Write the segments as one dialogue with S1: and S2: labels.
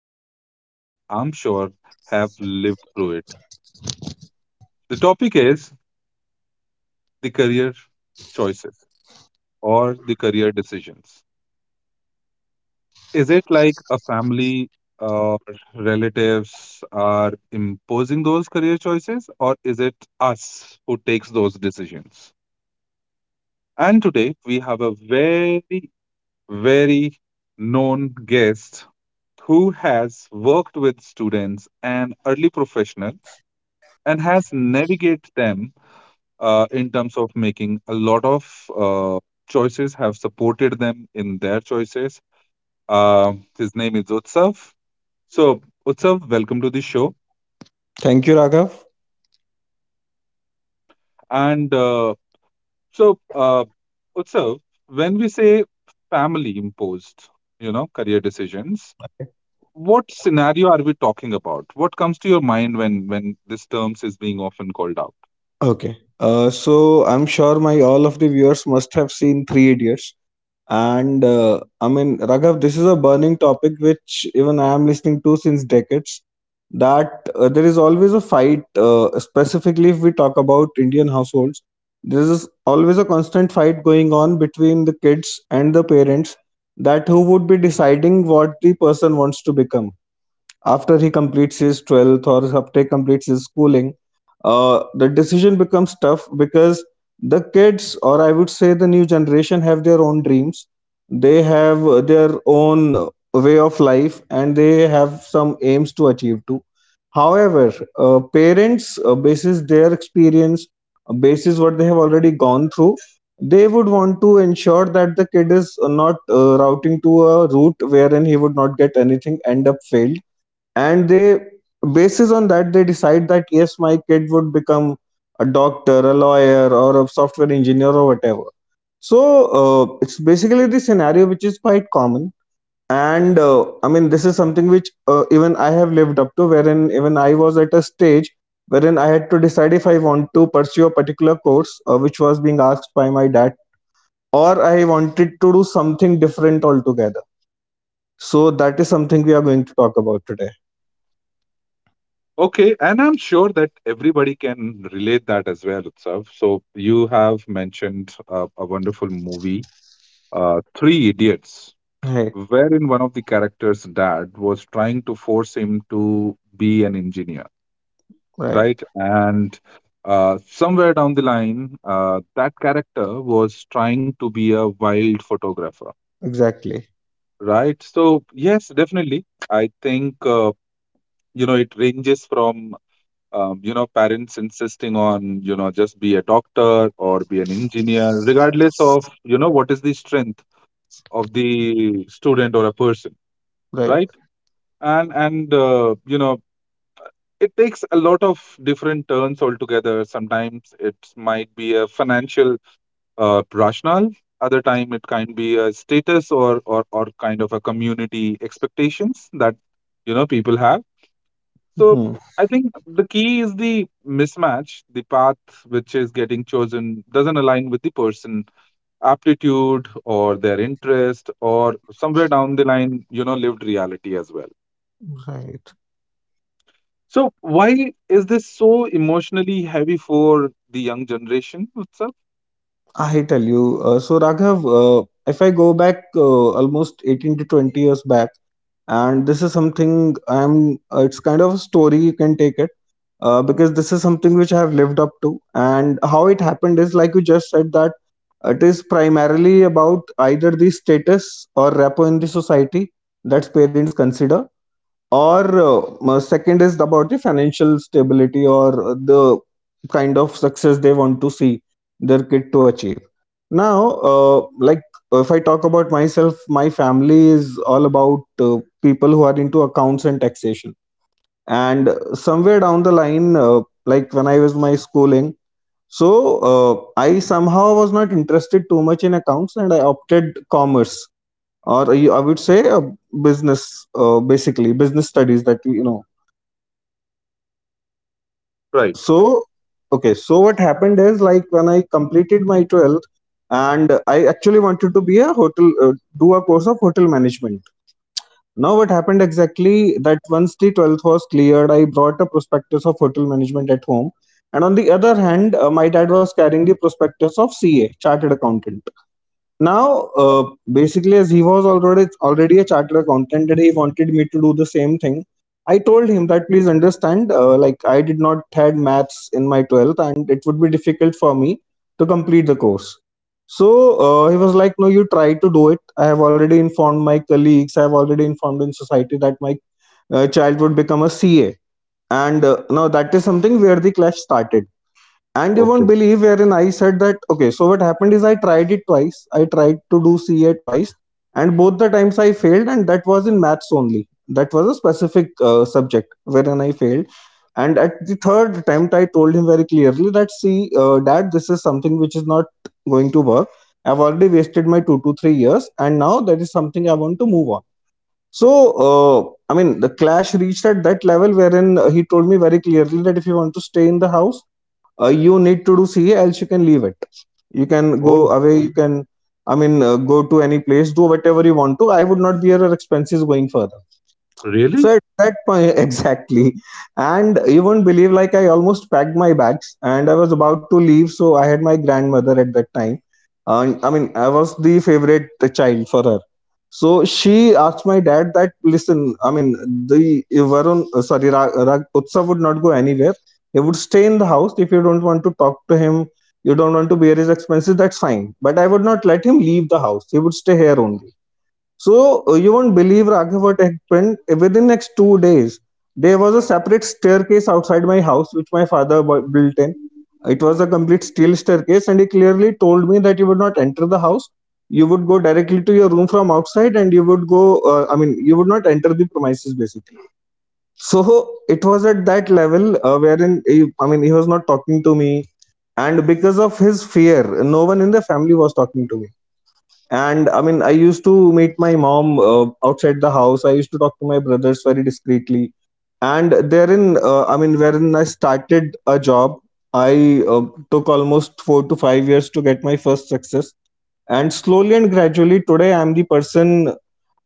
S1: listeners, I'm sure, have lived through it. The topic is the career choices or the career decisions. Is it like a family or relatives are imposing those career choices, or is it us who takes those decisions? And today we have a very very known guest who has worked with students and early professionals and has navigated them in terms of making a lot of choices, have supported them in their choices. Uh, his name is Utsav. So, Utsav, welcome to the show.
S2: Thank you, Raghav.
S1: And so, Utsav, when we say family imposed, career decisions, what scenario are we talking about? What comes to your mind when this terms is being often called out?
S2: Okay. So I'm sure my all of the viewers must have seen Three Idiots, and I mean Raghav, this is a burning topic which even I am listening to since decades. That There is always a fight, specifically if we talk about Indian households. There is always a constant fight going on between the kids and the parents that who would be deciding what the person wants to become after he completes his 12th or after he completes his schooling. The decision becomes tough because the kids, or I would say the new generation, have their own dreams. They have their own way of life and they have some aims to achieve too. However, parents, basis their experience, basis what they have already gone through, they would want to ensure that the kid is not routing to a route wherein he would not get anything, end up failed, and they basis on that they decide that yes, my kid would become a doctor, a lawyer, or a software engineer or whatever. So it's basically the scenario which is quite common, and I mean this is something which even I have lived up to, wherein even I was at a stage wherein I had to decide if I want to pursue a particular course which was being asked by my dad, or I wanted to do something different altogether. So that is something we are going to talk about today.
S1: Okay. And I'm sure that everybody can relate that as well itself. So you have mentioned a wonderful movie, Three Idiots,
S2: Right.
S1: wherein one of the characters dad was trying to force him to be an engineer, right?
S2: Right.
S1: And somewhere down the line, that character was trying to be a wild photographer.
S2: Exactly.
S1: Right. So, yes, definitely. I think, it ranges from, parents insisting on, just be a doctor or be an engineer, regardless of, what is the strength of the student or a person,
S2: Right.
S1: right? And it takes a lot of different turns altogether. Sometimes it might be a financial rationale. Other time it can be a status, or or kind of a community expectations that you know people have. So
S2: Mhm.
S1: I think the key is the mismatch. The path which is getting chosen doesn't align with the person aptitude or their interest, or somewhere down the line, you know, lived reality as well.
S2: Right.
S1: So why is this so emotionally heavy for the young generation itself?
S2: I tell you. So, Raghav, if I go back almost 18 to 20 years back, and this is something I'm, it's kind of a story, you can take it, because this is something which I have lived up to. And how it happened is, like you just said, that it is primarily about either the status or rapport in the society that parents consider, or second is about the financial stability or the kind of success they want to see their kid to achieve. Now like if I talk about myself, my family is all about people who are into accounts and taxation. And somewhere down the line, like when I was my schooling, so uh, I somehow was not interested too much in accounts, and I opted commerce, or I would say business, basically business studies, that you know
S1: Right.
S2: so okay. So what happened is, like when I completed my 12th and I actually wanted to be a hotel, do a course of hotel management. Now what happened exactly, that once the 12th was cleared, I brought a prospectus of hotel management at home, and on the other hand, my dad was carrying the prospectus of CA, chartered accountant. Now, basically, as he was already a chartered accountant and he wanted me to do the same thing, I told him that please understand, like I did not had maths in my 12th, and it would be difficult for me to complete the course. So he was like, "No, you try to do it. I have already informed my colleagues. I have already informed in society that my child would become a CA." And now that is something where the clash started. And you won't
S1: Okay.
S2: believe, wherein I said that, okay, so what happened is I tried it twice. I tried to do CA twice, and both the times I failed, and that was in maths only. That was a specific subject wherein I failed. And at the third attempt, I told him very clearly that, see, dad, this is something which is not going to work. I've already wasted my 2 to 3 years, and now that is something I want to move on. So, uh, I mean, the clash reached at that level wherein he told me very clearly that if you want to stay in the house, you need to do CA, else you can leave it. You can
S1: Oh.
S2: go away. You can, I mean, go to any place, do whatever you want to. I would not bear your expenses going further.
S1: Really?
S2: So at that point, exactly. And you won't believe, like, I almost packed my bags and I was about to leave. So I had my grandmother at that time. And I mean, I was the favorite child for her. So she asked my dad that, listen, I mean, the Varun, sorry, Rag, Rag Utsav would not go anywhere. He would stay in the house. If you don't want to talk to him, you don't want to bear his expenses, that's fine. But I would not let him leave the house. He would stay here only. So you won't believe Raghav what happened. Within next 2 days, there was a separate staircase outside my house which my father built in. It was a complete steel staircase, and he clearly told me that you would not enter the house. You would go directly to your room from outside, and you would go. I mean, you would not enter the premises basically. So it was at that level wherein he, I mean, he was not talking to me, and because of his fear, no one in the family was talking to me. And I mean, I used to meet my mom outside the house. I used to talk to my brothers very discreetly. And therein I mean wherein I started a job. I took almost 4 to 5 years to get my first success, and slowly and gradually today I am the person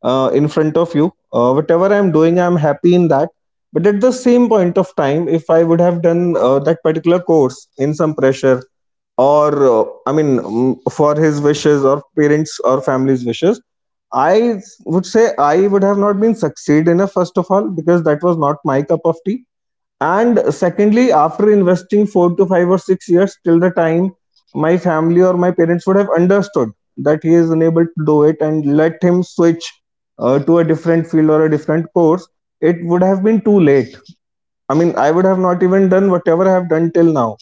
S2: in front of you. Whatever I'm doing, I'm happy in that. But at the same point of time, if I would have done that particular course in some pressure, or I mean, for his wishes or parents or family's wishes, I would say I would have not been succeed enough, first of all because that was not my cup of tea, and secondly after investing 4 to 5 or 6 years, till the time my family or my parents would have understood that he is unable to do it and let him switch to a different field or a different course, it would have been too late. I mean, I would have not even done whatever I have done till now.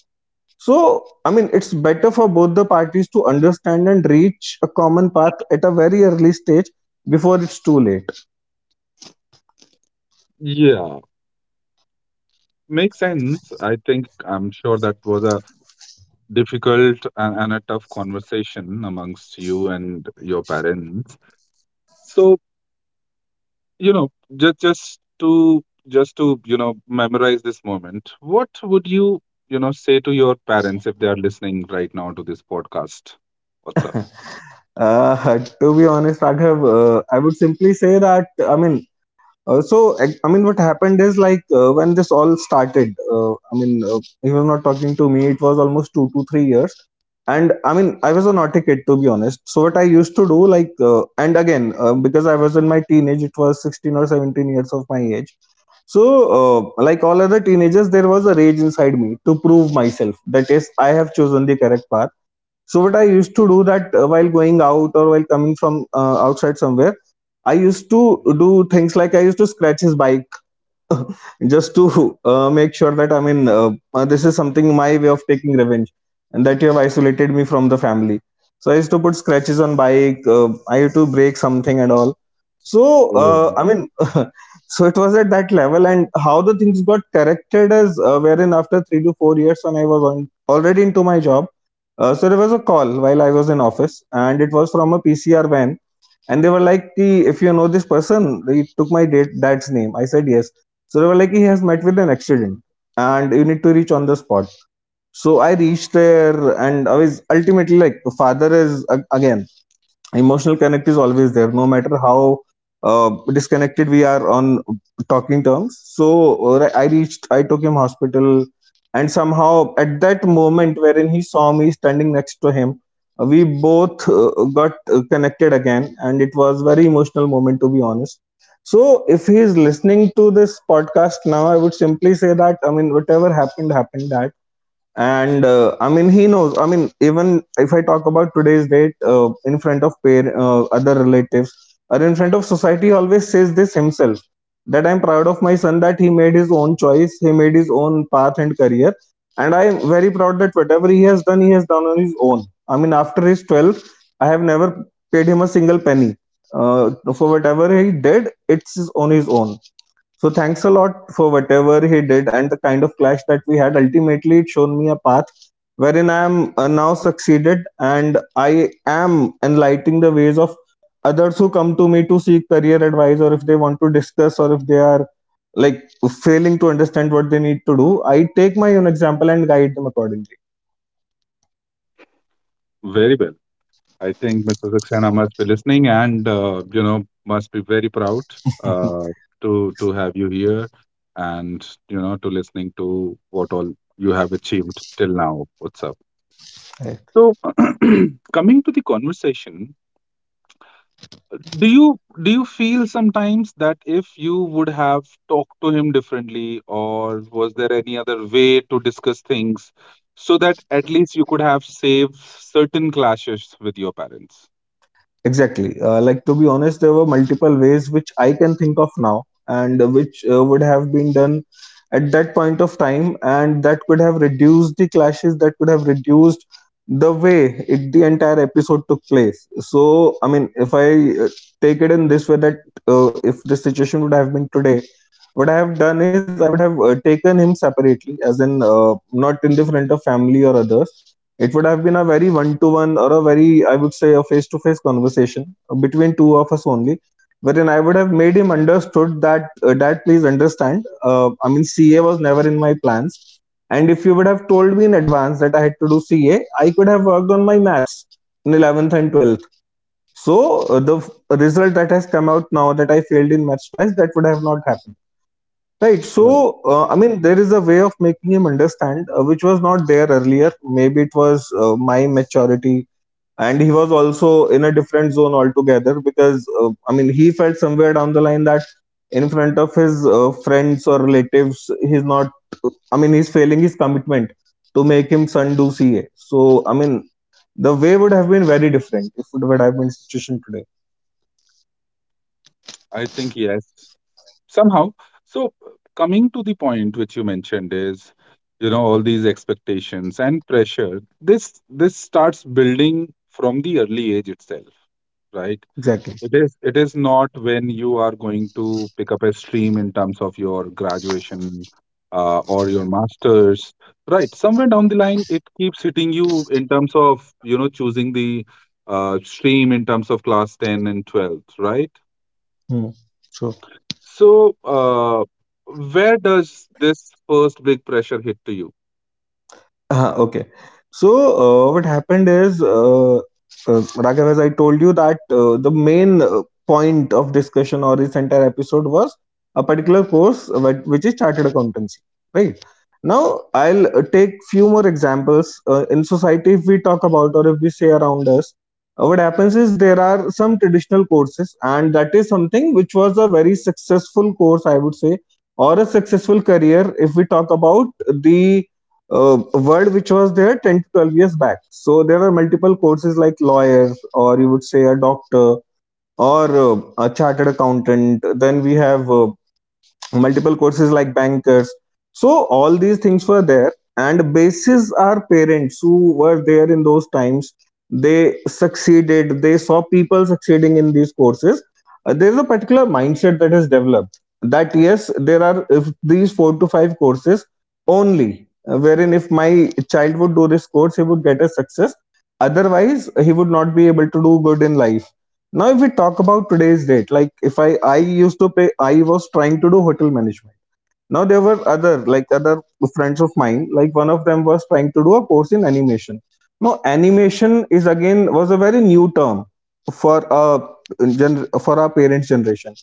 S2: So I mean, it's better for both the parties to understand and reach a common path at a very early stage before it's too late.
S1: Yeah. Makes sense. I think I'm sure that was a difficult and a tough conversation amongst you and your parents. So, you know, just just to just to memorize this moment. What would you, say to your parents if they are listening right now to this podcast? What's up?
S2: To be honest Raghav, I would simply say that I mean, I mean, what happened is like when this all started. I mean, he was not talking to me. It was almost 2 to 3 years, and I mean, I was a naughty kid to be honest. So what I used to do, like, and again, because I was in my teenage, it was 16 or 17 years of my age. So like all other teenagers, there was a rage inside me to prove myself. That is, I have chosen the correct path. So what I used to do that while going out or while coming from outside somewhere, I used to do things like I used to scratch his bike just to make sure that, I mean, this is something my way of taking revenge, and that you have isolated me from the family. So I used to put scratches on bike. I used to break something and all. So
S1: Oh,
S2: I mean, so it was at that level. And how the things got corrected is wherein after 3 to 4 years when I was on already into my job, so there was a call while I was in office, and it was from a PCR van, and they were like, "Ki, if you know this person," they took my dad's name. I said yes. So they were like, "He has met with an accident, and you need to reach on the spot." So I reached there, and I was ultimately like, the father is ag- again, emotional connect is always there, no matter how disconnected we are on talking terms. So I reached, I took him hospital, and somehow at that moment wherein he saw me standing next to him, we both got connected again, and it was very emotional moment, to be honest. So if he is listening to this podcast now, I would simply say that, I mean, whatever happened happened, that. And I mean, he knows, I mean, even if I talk about today's date in front of pair other relatives or in front of society, he always says this himself, that I'm proud of my son, that he made his own choice, he made his own path and career, and I am very proud that whatever he has done, he has done on his own. I mean, after his 12th, I have never paid him a single penny, uh, for whatever he did. It's on his own. So thanks a lot for whatever he did. And the kind of clash that we had, ultimately, it shown me a path wherein I am now succeeded, and I am enlightening the ways of others who come to me to seek career advice, or if they want to discuss, or if they are like failing to understand what they need to do. I take my own example and guide them accordingly.
S1: very well. I think Mr. Saxena must be listening and must be very proud uh, to have you here and to listening to what all you have achieved till now. What's up? So coming to the conversation, do you feel sometimes that if you would have talked to him differently, or was there any other way to discuss things so that at least you could have saved certain clashes with your parents?
S2: Exactly. Like, to be honest, there were multiple ways which I can think of now, and which would have been done at that point of time, and that could have reduced the clashes. That could have reduced the way it, the entire episode took place. So, I mean, if I take it in this way, that if the situation would have been today, what I have done is I would have taken him separately, as in not in the front of family or others. It would have been a very one to one, or a very, I would say, a face to face conversation between two of us only, wherein I would have made him understood that, Dad, please understand. I mean, CA was never in my plans. And if you would have told me in advance that I had to do CA, I could have worked on my maths in 11th and 12th. So the result that has come out now, that I failed in maths twice, that would have not happened. Right. So, I mean, there is a way of making him understand, which was not there earlier. Maybe it was my maturity, and he was also in a different zone altogether, because, I mean, he felt somewhere down the line that in front of his friends or relatives, he's not, I mean, he's failing his commitment to make him son do CA. So, I mean, the way would have been very different if it would have been situation today.
S1: I think yes, somehow. So, coming to the point which you mentioned is, all these expectations and pressure. This starts building from the early age itself, right?
S2: Exactly.
S1: It is not when you are going to pick up a stream in terms of your graduation or your masters, right? Somewhere down the line, it keeps hitting you in terms of choosing the stream in terms of class 10 and 12, right?
S2: Hmm. Sure.
S1: So, where does this first big pressure hit to you?
S2: Okay. So, what happened is, Raghav, as I told you, that the main point of discussion, or this entire episode, was a particular which is chartered accountancy, right? Now, I'll take few more examples. In society, if we talk about, or if we say around us, what happens is there are some traditional courses, and that is something which was a very successful course, I would say, or a successful career, if we talk about the a world which was there 10 to 12 years back. So there are multiple courses like lawyer, or you would say a doctor, or a chartered accountant. Then we have multiple courses like bankers. So all these things were there, and basis our parents who were there in those times, they succeeded, they saw people succeeding in these courses. There's a particular mindset that has developed, that yes, there are, if these four to five courses only, wherein if my child would do this course, he would get a success, otherwise he would not be able to do good in life. Now, if we talk about today's date, like if I used to pay, I was trying to do hotel management. Now there were other, like other friends of mine. Like one of them was trying to do a course in animation. Now animation is again, was a very new term for for our parents' generation.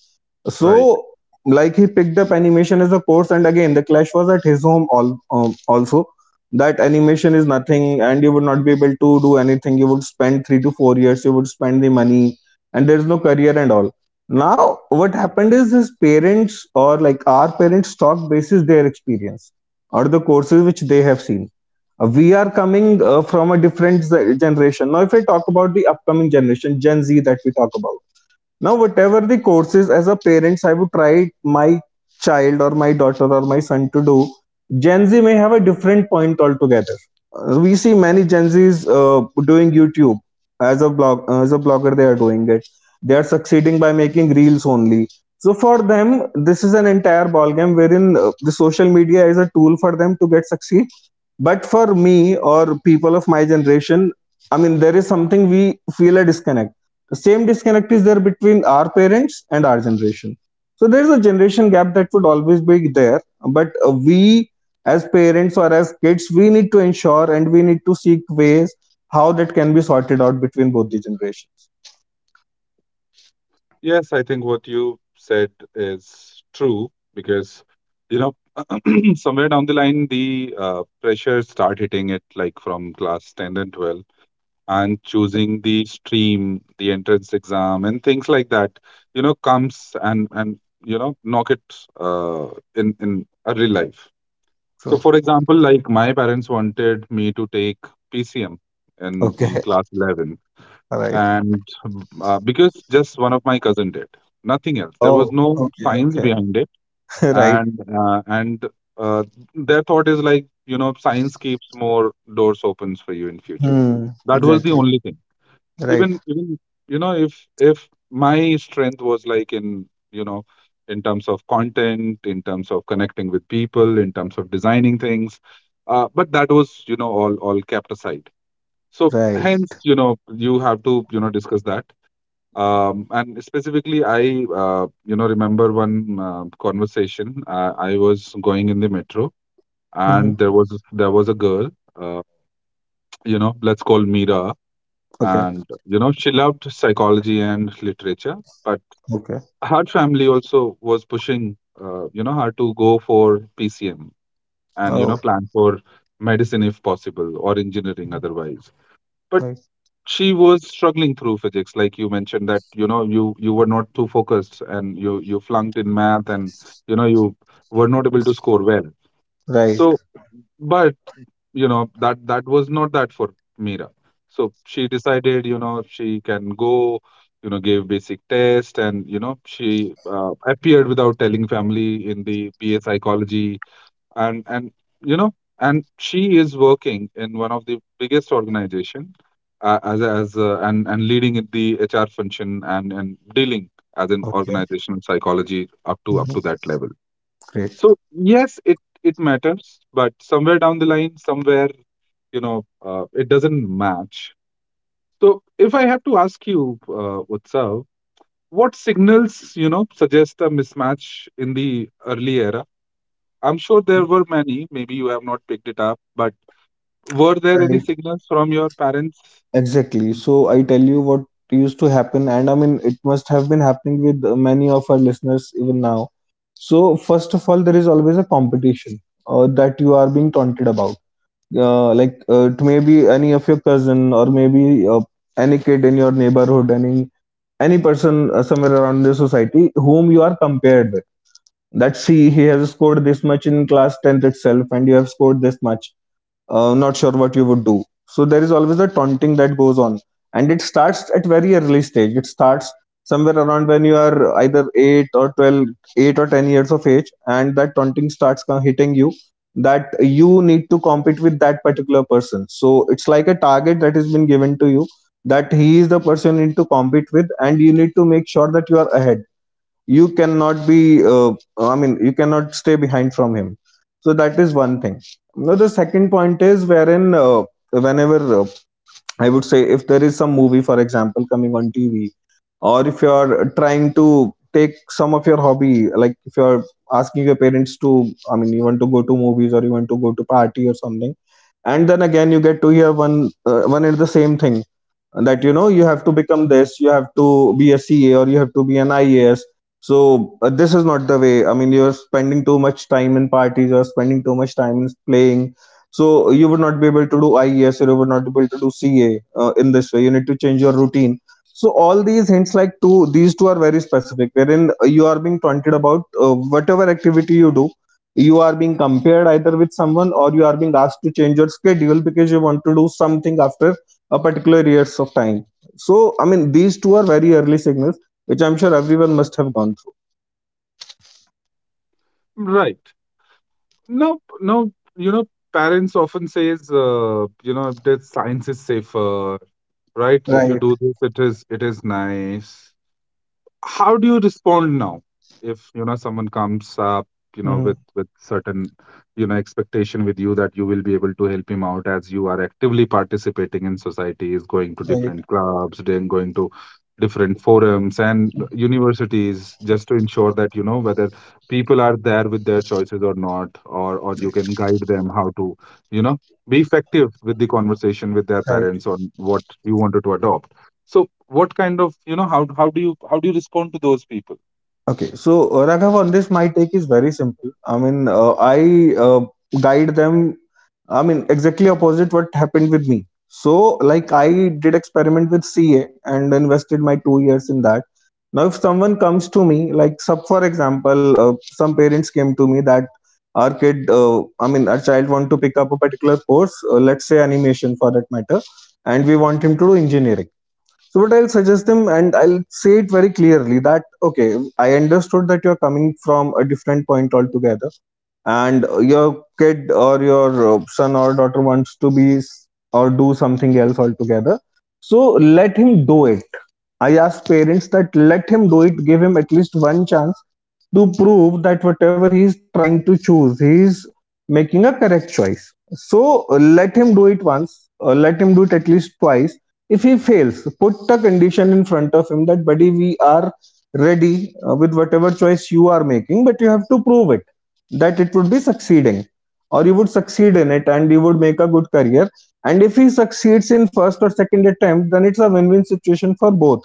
S1: Right.
S2: So like he picked up animation as a course, and again the clash was at his home. All Also that animation is nothing, and you would not be able to do anything. You would spend 3 to 4 years. You would spend the money, and there is no career and all. Now, what happened is his parents, or like our parents, talk basis their experience or the courses which they have seen. We are coming from a different generation. Now, if I talk about the upcoming generation, Gen Z that we talk about. Now, whatever the courses, as a parents, I would try my child or my daughter or my son to do, Gen Z may have a different point altogether. We see many Gen Zs doing YouTube, as a blogger. They are doing it. They are succeeding by making reels only. So for them, this is an entire ballgame wherein the social media is a tool for them to get succeed. But for me or people of my generation, I mean, there is something we feel a disconnect. The same disconnect is there between our parents and our generation. So there is a generation gap that would always be there, but we as parents or as kids, we need to ensure and we need to seek ways how that can be sorted out between both the generations.
S1: Yes, I think what you said is true because, you know, somewhere down the line, the pressure start hitting it like from class 10 and 12, and choosing the stream, the entrance exam, and things like that, comes and and knock it uh, in early life. So,
S2: True.
S1: for example, like my parents wanted me to take PCM in
S2: Okay.
S1: class 11,
S2: All right.
S1: and because just one of my cousin did, nothing else. There was
S2: Oh.
S1: no
S2: Okay.
S1: science
S2: Okay.
S1: behind it,
S2: right.
S1: and uh, their thought is like science keeps more doors opens for you in future.
S2: Hmm.
S1: That was the
S2: Exactly.
S1: only thing.
S2: Right.
S1: Even if my strength was like in, in terms of content, in terms of connecting with people, in terms of designing things, but that was, all kept aside. So
S2: Right.
S1: hence, you have to, discuss that. And specifically, I remember one conversation. I was going in the metro,
S2: Hmm.
S1: and there was a girl, uh, let's call Mira.
S2: Okay.
S1: And she loved psychology and literature, but
S2: Okay.
S1: her family also was pushing, her to go for PCM and,
S2: Oh.
S1: plan for medicine if possible, or engineering otherwise. But
S2: Right.
S1: she was struggling through physics, like you mentioned, that you were not too focused and you flunked in math, and you were not able to score well.
S2: Right.
S1: So but, you know, that that was not that for Mira. So she decided, she can go. Gave basic test, and she appeared without telling family in the BA psychology, and and you know, and she is working in one of the biggest organization as a, and leading in the HR function and dealing as an
S2: Okay.
S1: organizational psychology up to
S2: Mhm.
S1: that level.
S2: Great.
S1: So yes, it matters, but somewhere down the line, somewhere, it doesn't match. So if I have to ask you, Utsav, what signals suggest a mismatch in the early era? I'm sure there were many. Maybe you have not picked it up, but were there any
S2: Right.
S1: signals from your parents?
S2: Exactly. So I tell you what used to happen, and I mean, it must have been happening with many of our listeners even now. So, first of all, there is always a competition that you are being taunted about. Like it may be any of your cousin, or maybe any kid in your neighborhood, any person somewhere around the society whom you are compared with. That see, he has scored this much in class 10th itself, and you have scored this much, not sure what you would do. So there is always a taunting that goes on, and it starts at very early stage. It starts somewhere around when you are either 8 or 12, 8 or 10 years of age, and that taunting starts hitting you. That you need to compete with that particular person. So it's like a target that has been given to you, that he is the person you need to compete with, and you need to make sure that you are ahead. You cannot be I mean, you cannot stay behind from him. So that is one thing. Now the second point is wherein whenever I would say, if there is some movie, for example, coming on TV, or if you are trying to take some of your hobby, like if you are asking your parents to, I mean, you want to go to movies, or you want to go to party or something, and then again you get to hear one is the same thing, that you know, you have to become this, you have to be a CA, or you have to be an IAS. So this is not the way, I mean, you're spending too much time in parties, you're spending too much time in playing, so you would not be able to do IES, or you would not be able to do CA. In this way, you need to change your routine. So all these hints, like two these two are very specific, wherein you are being taunted about whatever activity you do, you are being compared either with someone, or you are being asked to change your schedule, because you want to do something after a particular years of time. So I mean, these two are very early signals which I'm sure everyone must have gone through.
S1: Right. No, no. Parents often says, that science is safer, right? If you
S2: Right.
S1: do this, it is nice. How do you respond now if someone comes up,
S2: Hmm.
S1: with certain expectation with you, that you will be able to help him out, as you are actively participating in societies, going to
S2: Right.
S1: different clubs, then going to different forums and universities, just to ensure that whether people are there with their choices or not, or you can guide them how to you know be effective with the conversation with their
S2: Right.
S1: parents on what you wanted to adopt? So what kind of, how do you respond to those people?
S2: Okay. So Raghav, on this my take is very simple. I mean I guide them. I mean, exactly opposite what happened with me. So like I did experiment with CA and invested my 2 years in that. Now if someone comes to me, like sub for example, some parents came to me that our kid, I mean, our child want to pick up a particular course, let's say animation, for that matter, and we want him to do engineering. So what I'll suggest them, and I'll say it very clearly, that okay, I understood that you're coming from a different point altogether, and your kid, or your son or daughter, wants to be or do something else altogether. So let him do it. I ask parents that let him do it, give him at least one chance to prove that whatever he is trying to choose, he is making a correct choice. So let him do it once, let him do it at least twice. If he fails, put the condition in front of him that, buddy, we are ready with whatever choice you are making, but you have to prove it that it would be succeeding or you would succeed in it and you would make a good career. And if he succeeds in first or second attempt, then it's a win win situation for both.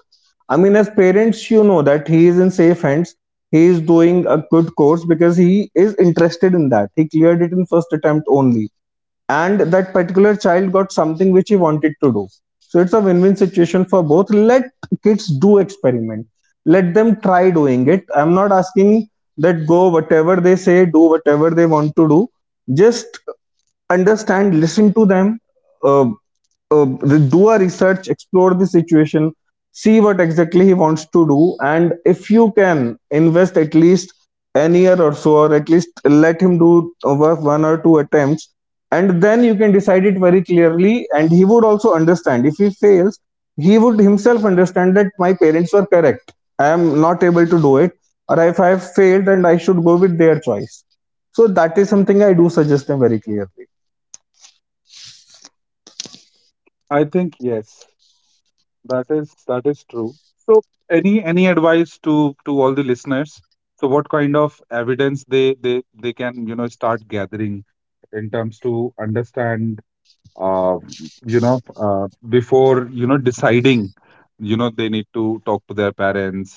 S2: I mean, as parents, you know that he is in safe hands. He is doing a good course because he is interested in that. He cleared it in first attempt only. And that particular child got something which he wanted to do. So it's a win win situation for both. Let kids do experiment. Let them try doing it. I'm not asking that go whatever they say, do whatever they want to do. Just understand, listen to them. uh, uh, do a research, explore the situation, see what exactly he wants to do, and if you can invest at least an year or so, or at least let him do over one or two attempts, and then you can decide it very clearly. And he would also understand, if he fails he would himself understand that my parents were correct, I am not able to do it, or if I have failed and I should go with their choice. So that is something I do suggest them very clearly.
S1: I think yes, that is true. So any advice to all the listeners. So what kind of evidence they can, start gathering in terms to understand, uh, before, deciding, they need to talk to their parents,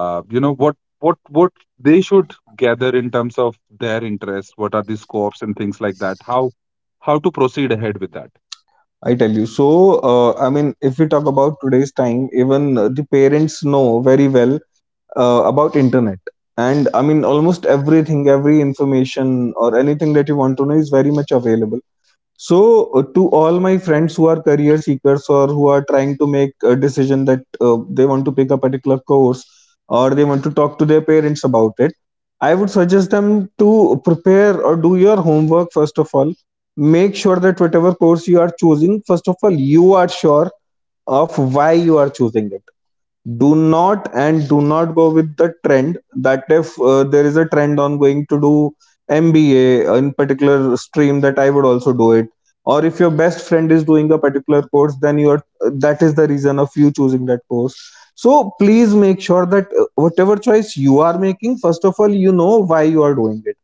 S1: what what they should gather in terms of their interest, what are the scopes and things like that, how to proceed ahead with that.
S2: I tell you. So, I mean, if we talk about today's time, even the parents know very well about internet. And I mean, almost everything, every information or anything that you want to know is very much available. So, to all my friends who are career seekers or who are trying to make a decision that they want to pick a particular course or they want to talk to their parents about it, I would suggest them to prepare or do your homework first of all. Make sure that whatever course you are choosing, first of all, you are sure of why you are choosing it. Do not, and do not go with the trend that if there is a trend on going to do MBA in particular stream, that I would also do it, or if your best friend is doing a particular course, then you are, that is the reason of you choosing that course. So please make sure that whatever choice you are making, first of all you know why you are doing it.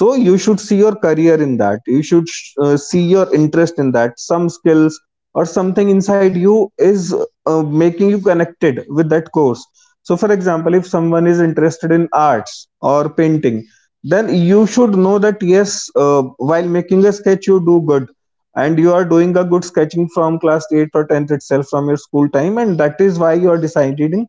S2: So you should see your career in that, you should see your interest in that, some skills or something inside you is making you connected with that course. So for example, if someone is interested in arts or painting, then you should know that yes, while making a sketch you do good, and you are doing a good sketching from class 8 or 10th itself from your school time, and that is why you are deciding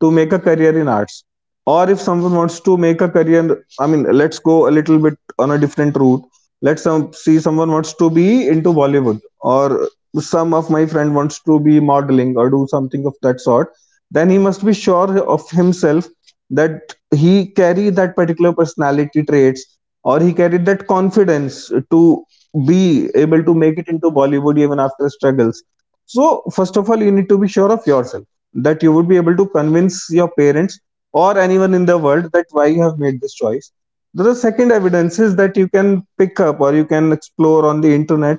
S2: to make a career in arts. Or if someone wants to make a career, I mean let's go a little bit on a different route. Let's see someone wants to be into Bollywood, or some of my friend wants to be modeling or do something of that sort, then he must be sure of himself that he carry that particular personality traits or he carried that confidence to be able to make it into Bollywood even after struggles. So first of all you need to be sure of yourself, that you would be able to convince your parents or anyone in the world that why you have made this choice. The second evidence is that you can pick up or you can explore on the internet,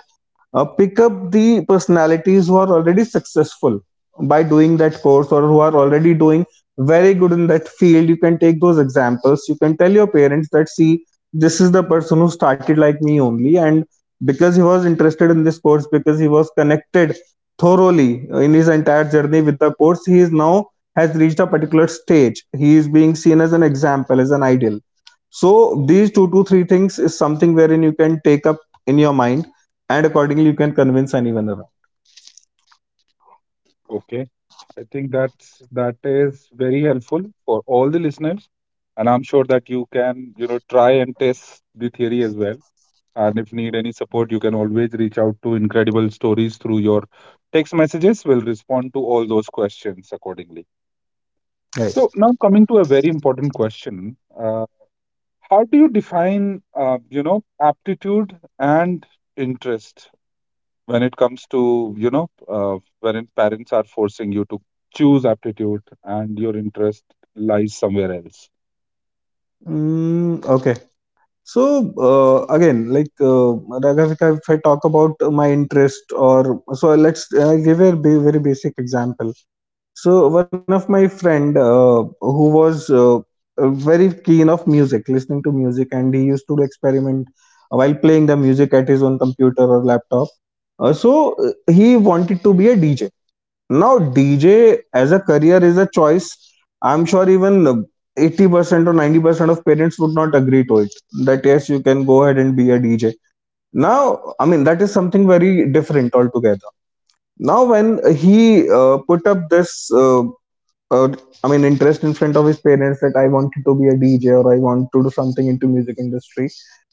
S2: pick up the personalities who are already successful by doing that course or who are already doing very good in that field. You can take those examples. You can tell your parents that, see, this is the person who started like me only. And because he was interested in this course, because he was connected thoroughly in his entire journey with the course, he is now, has reached a particular stage. He is being seen as an example, as an ideal. So these two to three things is something wherein you can take up in your mind, and accordingly you can convince anyone around.
S1: Okay. I think that is very helpful for all the listeners, and I'm sure that you can, try and test the theory as well. And if need any support, you can always reach out to Incredible Stories through your text messages. We'll respond to all those questions accordingly. So
S2: Right.
S1: now coming to a very important question. How do you define, aptitude and interest, when it comes to, when parents are forcing you to choose aptitude and your interest lies somewhere else?
S2: Mm, okay. So again like Raghavika, if I talk about my interest, or so let's give a very basic example. So one of my friend who was very keen of music, listening to music, and he used to experiment while playing the music at his own computer or laptop. He wanted to be a DJ. Now DJ as a career is a choice. I'm sure even 80% or 90% of parents would not agree to it. That yes, you can go ahead and be a DJ. Now, I mean that is something very different altogether. Now when he put up this uh, I mean interest in front of his parents that I wanted to be a DJ or I want to do something into music industry,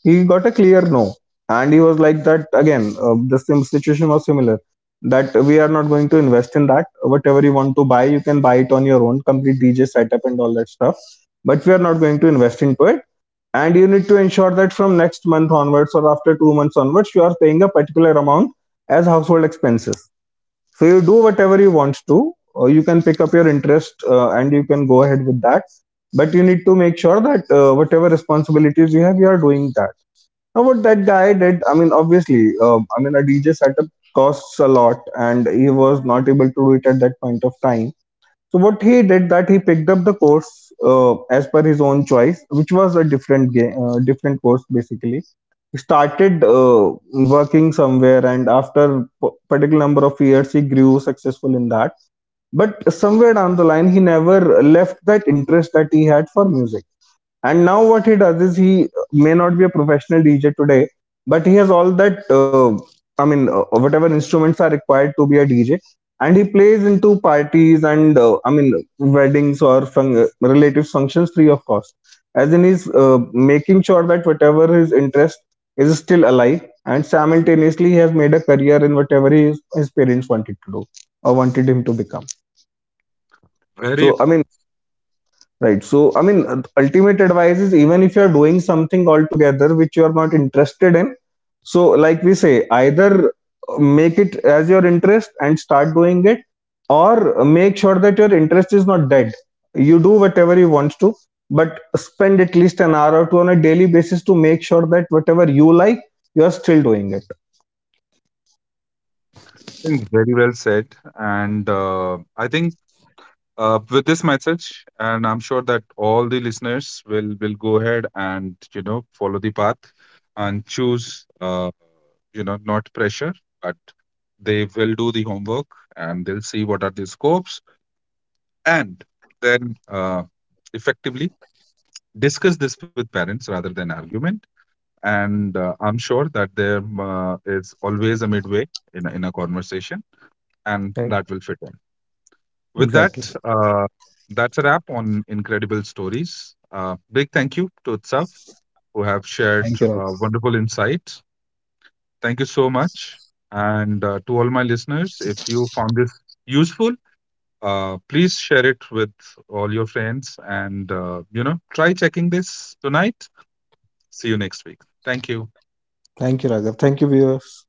S2: he got a clear no. And he was like that, again the same situation was similar, that we are not going to invest in that, whatever you want to buy you can buy it on your own, complete DJ setup and all that stuff, but we are not going to invest into it. And you need to ensure that from next month onwards or after 2 months onwards you are paying a particular amount as household expenses. So you do whatever you want to, you can pick up your interest and you can go ahead with that, but you need to make sure that whatever responsibilities you have you are doing that. Now what that guy did, I mean obviously I mean a DJ setup costs a lot and he was not able to do it at that point of time. So what he did, that he picked up the course as per his own choice, which was a different game, different course basically. He started working somewhere, and after particular number of years, he grew successful in that. But somewhere down the line, he never left that interest that he had for music. And now what he does is, he may not be a professional DJ today, but he has all that I mean whatever instruments are required to be a DJ, and he plays into parties and I mean weddings or relatives functions free of cost. As in he's making sure that whatever his interest is still alive, and simultaneously he has made a career in whatever his parents wanted to do or wanted him to become. So I
S1: I
S2: mean, right. So, I mean, ultimate advice is, even if you're doing something altogether which you are not interested in, so like we say, either make it as your interest and start doing it, or make sure that your interest is not dead. You do whatever you want to, but spend at least an hour or two on a daily basis to make sure that whatever you like, you are still doing it.
S1: think very well said. And I think, with this message, and I'm sure that all the listeners will go ahead and, follow the path and choose, not pressure, but they will do the homework, and they'll see what are the scopes, and then, effectively discuss this with parents rather than argument. And I'm sure that there is always a midway in a conversation, and that
S2: Right.
S1: will fit in. With that,
S2: Exactly.
S1: uh, that's a wrap on Incredible Stories. Big thank you to Utsav, who have shared
S2: Thank you, Raghav.
S1: wonderful insights. Thank you so much. And to all my listeners, if you found this useful, please share it with all your friends, and, try checking this tonight. See you next week. Thank you.
S2: Thank you, Raghav. Thank you, viewers.